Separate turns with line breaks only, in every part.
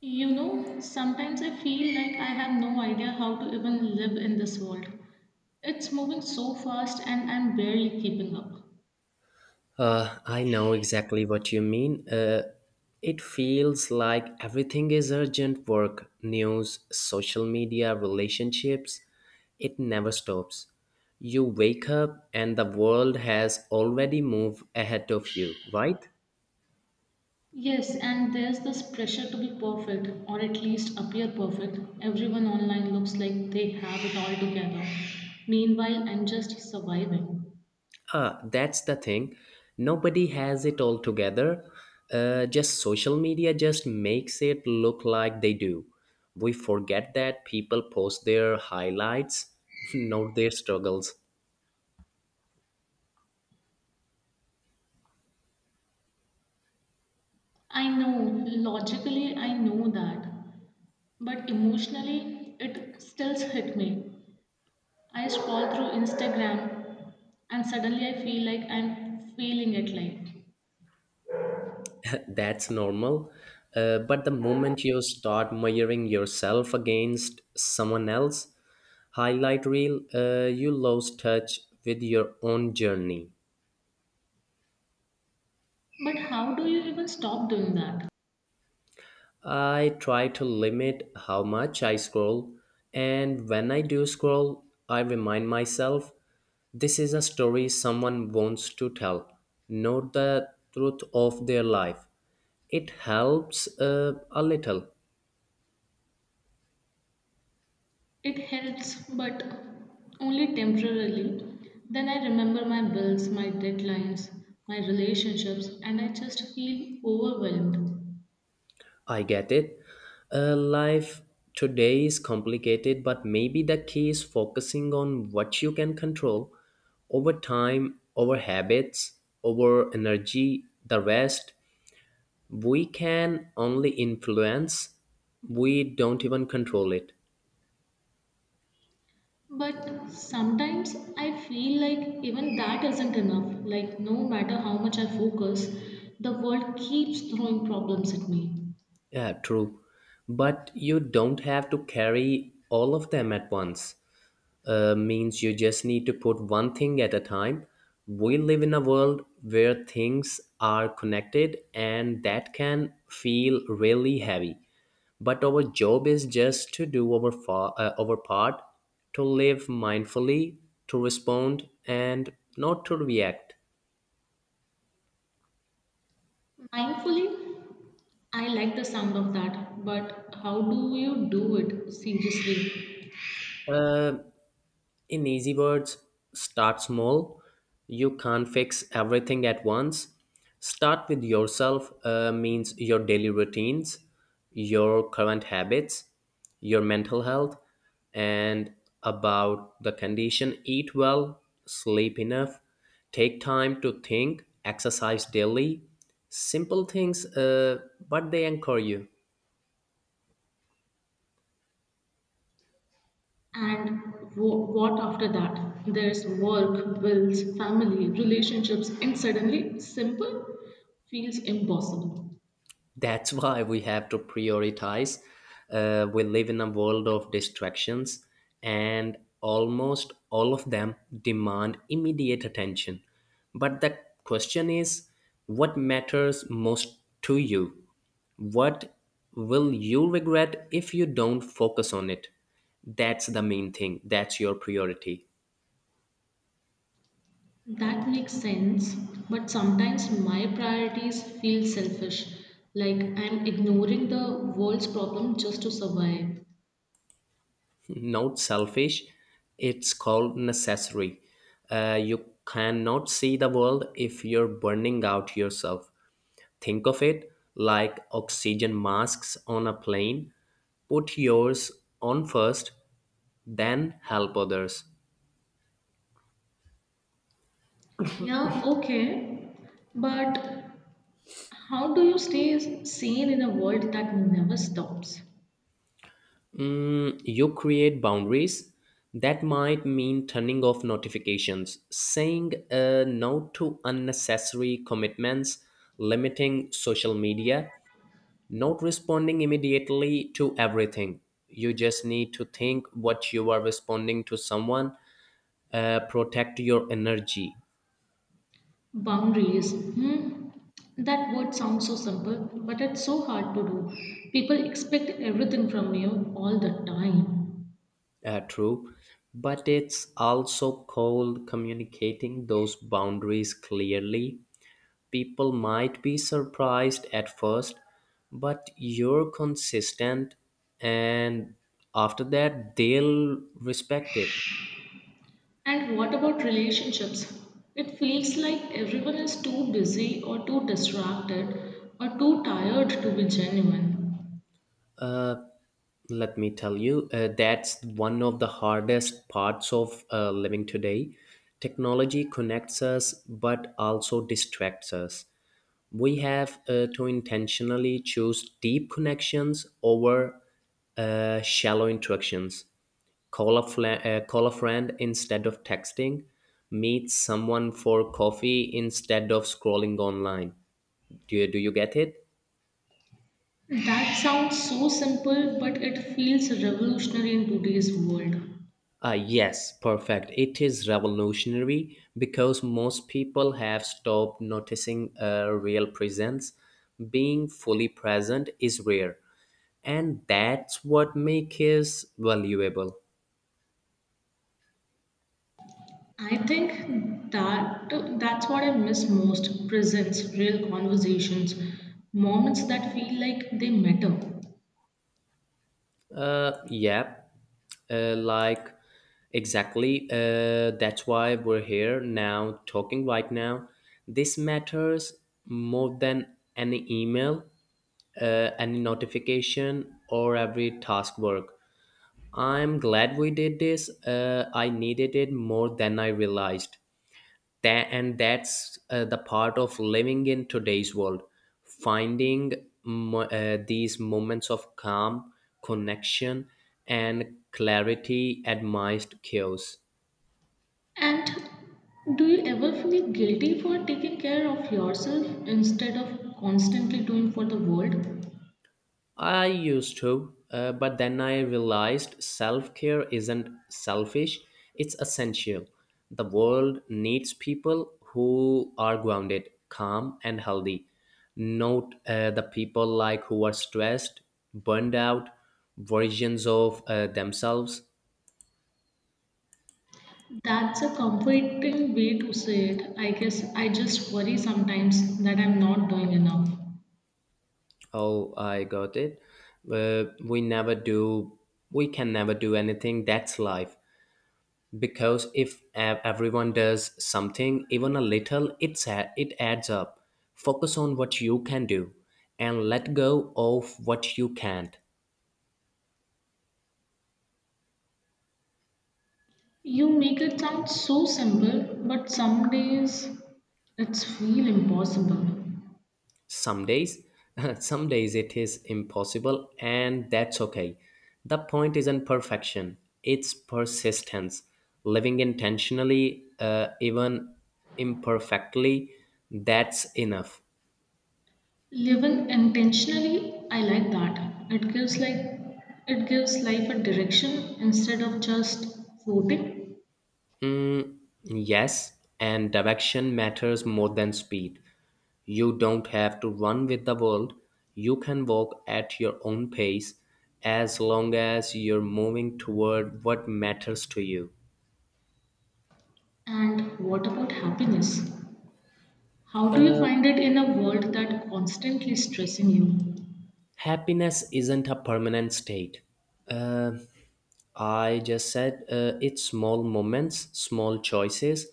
Sometimes I feel like I have no idea how to even live in this world. It's moving so fast and I'm barely keeping up.
I know exactly what you mean. It feels like everything is urgent work, news, social media, relationships. It never stops. You wake up and the world has already moved ahead of you, right?
Yes, and there's this pressure to be perfect or at least appear perfect. Everyone online looks like they have it all together. Meanwhile, I'm just surviving.
Ah, that's the thing. Nobody has it all together. Just Social media just makes it look like they do. We forget that people post their highlights, not their struggles.
I know, logically, I know that, but emotionally, it still hit me. I scroll through Instagram and suddenly I feel like I'm feeling it like.
That's normal. But the moment you start measuring yourself against someone else, highlight reel, you lose touch with your own journey.
But how do you even stop doing that?
I try to limit how much I scroll, and when I do scroll, I remind myself this is a story someone wants to tell, not the truth of their life. It helps a little.
It helps, but only temporarily. Then I remember my bills, my deadlines, my relationships, and I just feel overwhelmed.
I get it. Life today is complicated, but maybe the key is focusing on what you can control, over time, over habits, over energy. The rest, we can only influence, we don't even control it.
But sometimes I feel like even that isn't enough. Like, no matter how much I focus, the world keeps throwing problems at me.
Yeah, true. But you don't have to carry all of them at once. Means You just need to put one thing at a time. We live in a world where things are connected, and that can feel really heavy. But our job is just to do our part, to live mindfully, to respond, and not to react.
Mindfully, I like the sound of that, but how do you do it seriously?
Uh, In easy words, start small. You can't fix everything at once. Start with yourself, means your daily routines, your current habits, your mental health, and about the condition. Eat well, sleep enough, take time to think, exercise daily. Simple things, but they anchor you.
And what after that? There's work, bills, family, relationships, and suddenly simple feels impossible.
That's why we have to prioritize. We live in a world of distractions, and almost all of them demand immediate attention, but the question is, what matters most to you? What will you regret if you don't focus on it? That's the main thing, that's your priority.
That makes sense, but sometimes my priorities feel selfish, like I'm ignoring the world's problem just to survive.
Not selfish, it's called necessary. You cannot see the world if you're burning out yourself. Think of it like oxygen masks on a plane. Put yours on first, then help others.
Yeah, okay, but how do you stay sane in a world that never stops?
You create boundaries. That might mean turning off notifications, saying no to unnecessary commitments, limiting social media, not responding immediately to everything. You just need to think what you are responding to someone. Protect your energy.
Boundaries. Hmm. That word sounds so simple, but it's so hard to do. People expect everything from you all the time.
True, but it's also called communicating those boundaries clearly. People might be surprised at first, but you're consistent, and after that they'll respect it.
And what about relationships? It feels like everyone is too busy or too distracted or too tired to be genuine.
Uh, Let me tell you, that's one of the hardest parts of living today. Technology connects us but also distracts us. We have to intentionally choose deep connections over shallow interactions. Call a, call a friend instead of texting, meet someone for coffee instead of scrolling online. Do you get it?
That sounds so simple, but it feels revolutionary in today's world.
Yes, perfect. It is revolutionary because most people have stopped noticing a real presence. Being fully present is rare, and that's what makes it valuable.
I think that that's what I miss most presents, real conversations, moments that feel like they matter.
Uh, yeah, uh, like exactly. That's why we're here now, talking right now. This matters more than any email, any notification or every task work. I'm glad we did this. I needed it more than I realized. That's the part of living in today's world, finding these moments of calm, connection, and clarity amidst chaos.
And do you ever feel guilty for taking care of yourself instead of constantly doing for the world?
I used to, but then I realized self care isn't selfish, it's essential. The world needs people who are grounded, calm, and healthy. Note the people like who are stressed, burned out, versions of themselves.
That's a comforting way to say it. I guess I just worry sometimes that I'm not doing enough.
Oh, I got it. Uh, we never do, we can never do anything. That's life. Because if everyone does something, even a little, it adds up. Focus on what you can do and let go of what you can't.
You make it sound so simple, but some days it's feel impossible.
Some days Some days it is impossible, and that's okay. The point isn't perfection, it's persistence. Living intentionally, even imperfectly, that's enough.
Living intentionally, I like that. It gives like it gives life a direction instead of just floating.
Mm, yes, and direction matters more than speed. You don't have to run with the world. You can walk at your own pace as long as you're moving toward what matters to you.
And what about happiness? How do you find it in a world that constantly stressing you?
Happiness isn't a permanent state. Uh, I just said It's small moments, small choices.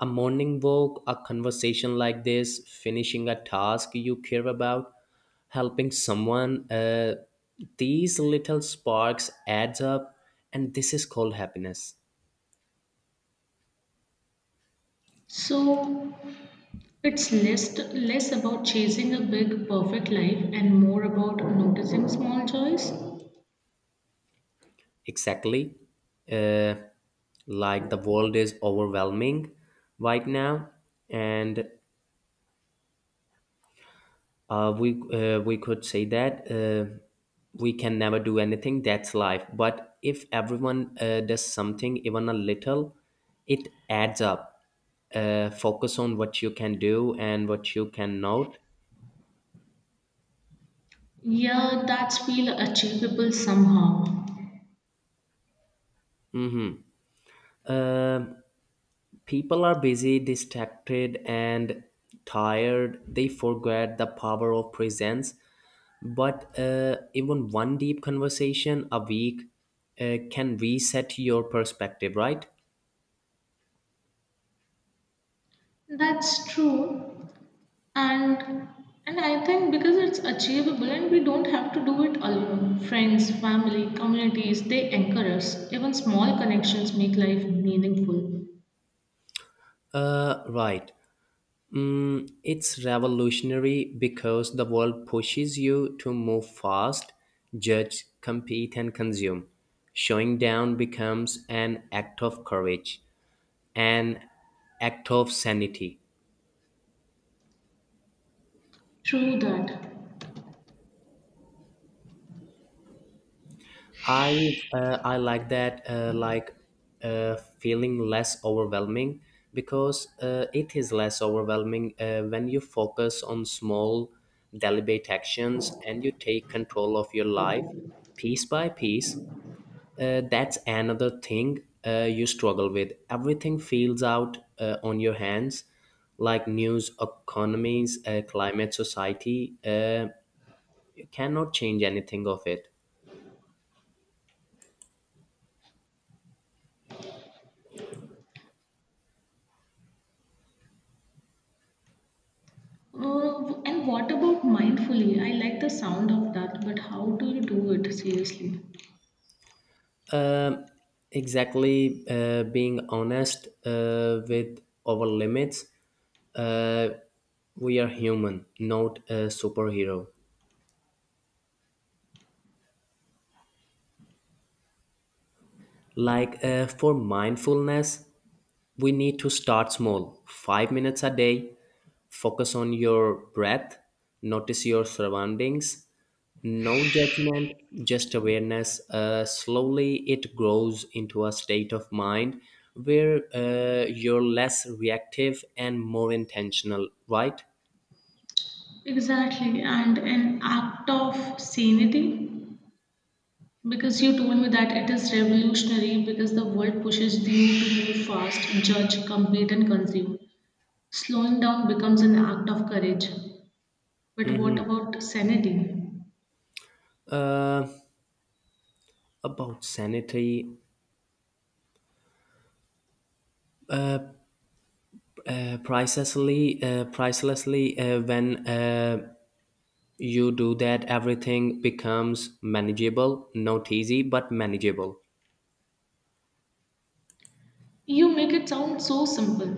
A morning walk, a conversation like this, finishing a task you care about, helping someone. These little sparks adds up, and this is called happiness.
So it's less about chasing a big perfect life and more about noticing small joys.
Exactly. Uh, the world is overwhelming right now, and we could say that, we can never do anything. That's life. But if everyone does something, even a little, it adds up. Focus on what you can do and what you cannot.
Yeah, that's feel achievable somehow.
Uh, People are busy, distracted, and tired. They forget the power of presence. But even one deep conversation a week can reset your perspective, right?
That's true. and and I think because it's achievable and we don't have to do it alone, friends, family, communities, they anchor us. Even small connections make life meaningful.
Right. Mm, it's revolutionary because the world pushes you to move fast, judge, compete, and consume. Showing down becomes an act of courage, an act of sanity.
True that.
I like that, uh, feeling less overwhelming, because it is less overwhelming when you focus on small deliberate actions and you take control of your life piece by piece. That's another thing you struggle with. Everything feels out on your hands, like news, economies, climate, society. You cannot change anything of it.
And what about mindfully? I like the sound of that, but how do you do it seriously?
Um exactly, being honest with our limits. Uh, we are human, not a superhero. Like, for mindfulness, we need to start small. 5 minutes a day, focus on your breath, notice your surroundings. No judgment, just awareness. Slowly, it grows into a state of mind where you're less reactive and more intentional, right?
Exactly, and an act of sanity, because you told me that it is revolutionary because the world pushes you to move fast, judge, compete, and consume. Slowing down becomes an act of courage. But what
Mm-hmm.
about sanity?
Uh, about sanity, pricelessly, when you do that, everything becomes manageable, not easy, but manageable.
You make it sound so simple.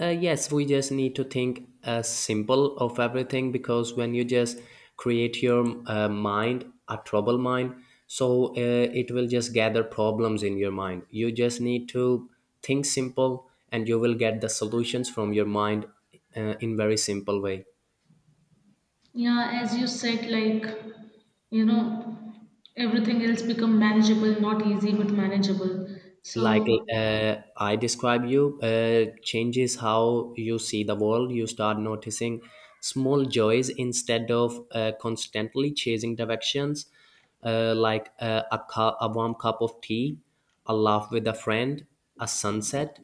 Yes, we just need to think simple of everything, because when you just create your, mind, a trouble mind, so it will just gather problems in your mind. You just need to think simple and you will get the solutions from your mind in very simple way.
Yeah, as you said, like, you know, everything else become manageable, not easy, but manageable.
like
So,
uh, i describe you uh, changes how you see the world. You start noticing small joys instead of constantly chasing directions, a, a warm cup of tea, a laugh with a friend, a sunset,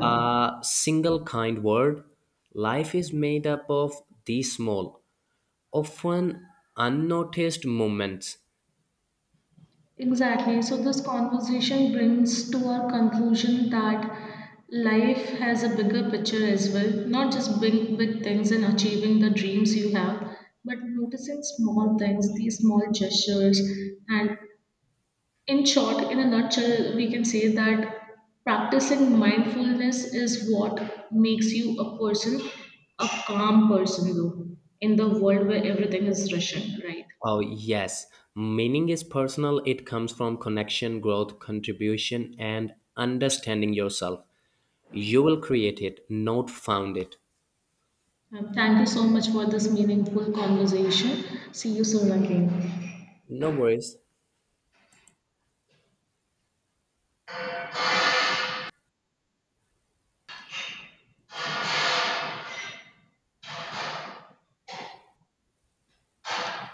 a single kind word. Life is made up of these small, often unnoticed moments.
exactly. So, this conversation brings to our conclusion that life has a bigger picture as well, not just big, big things and achieving the dreams you have, but noticing small things, these small gestures, and in short, in a nutshell, we can say that practicing mindfulness is what makes you a person, a calm person, though, in the world where everything is rushing, right?
Oh, yes. Meaning is personal, it comes from connection, growth, contribution, and understanding yourself. You will create it, not found it.
Thank you so much for this meaningful conversation. See you soon again.
No worries.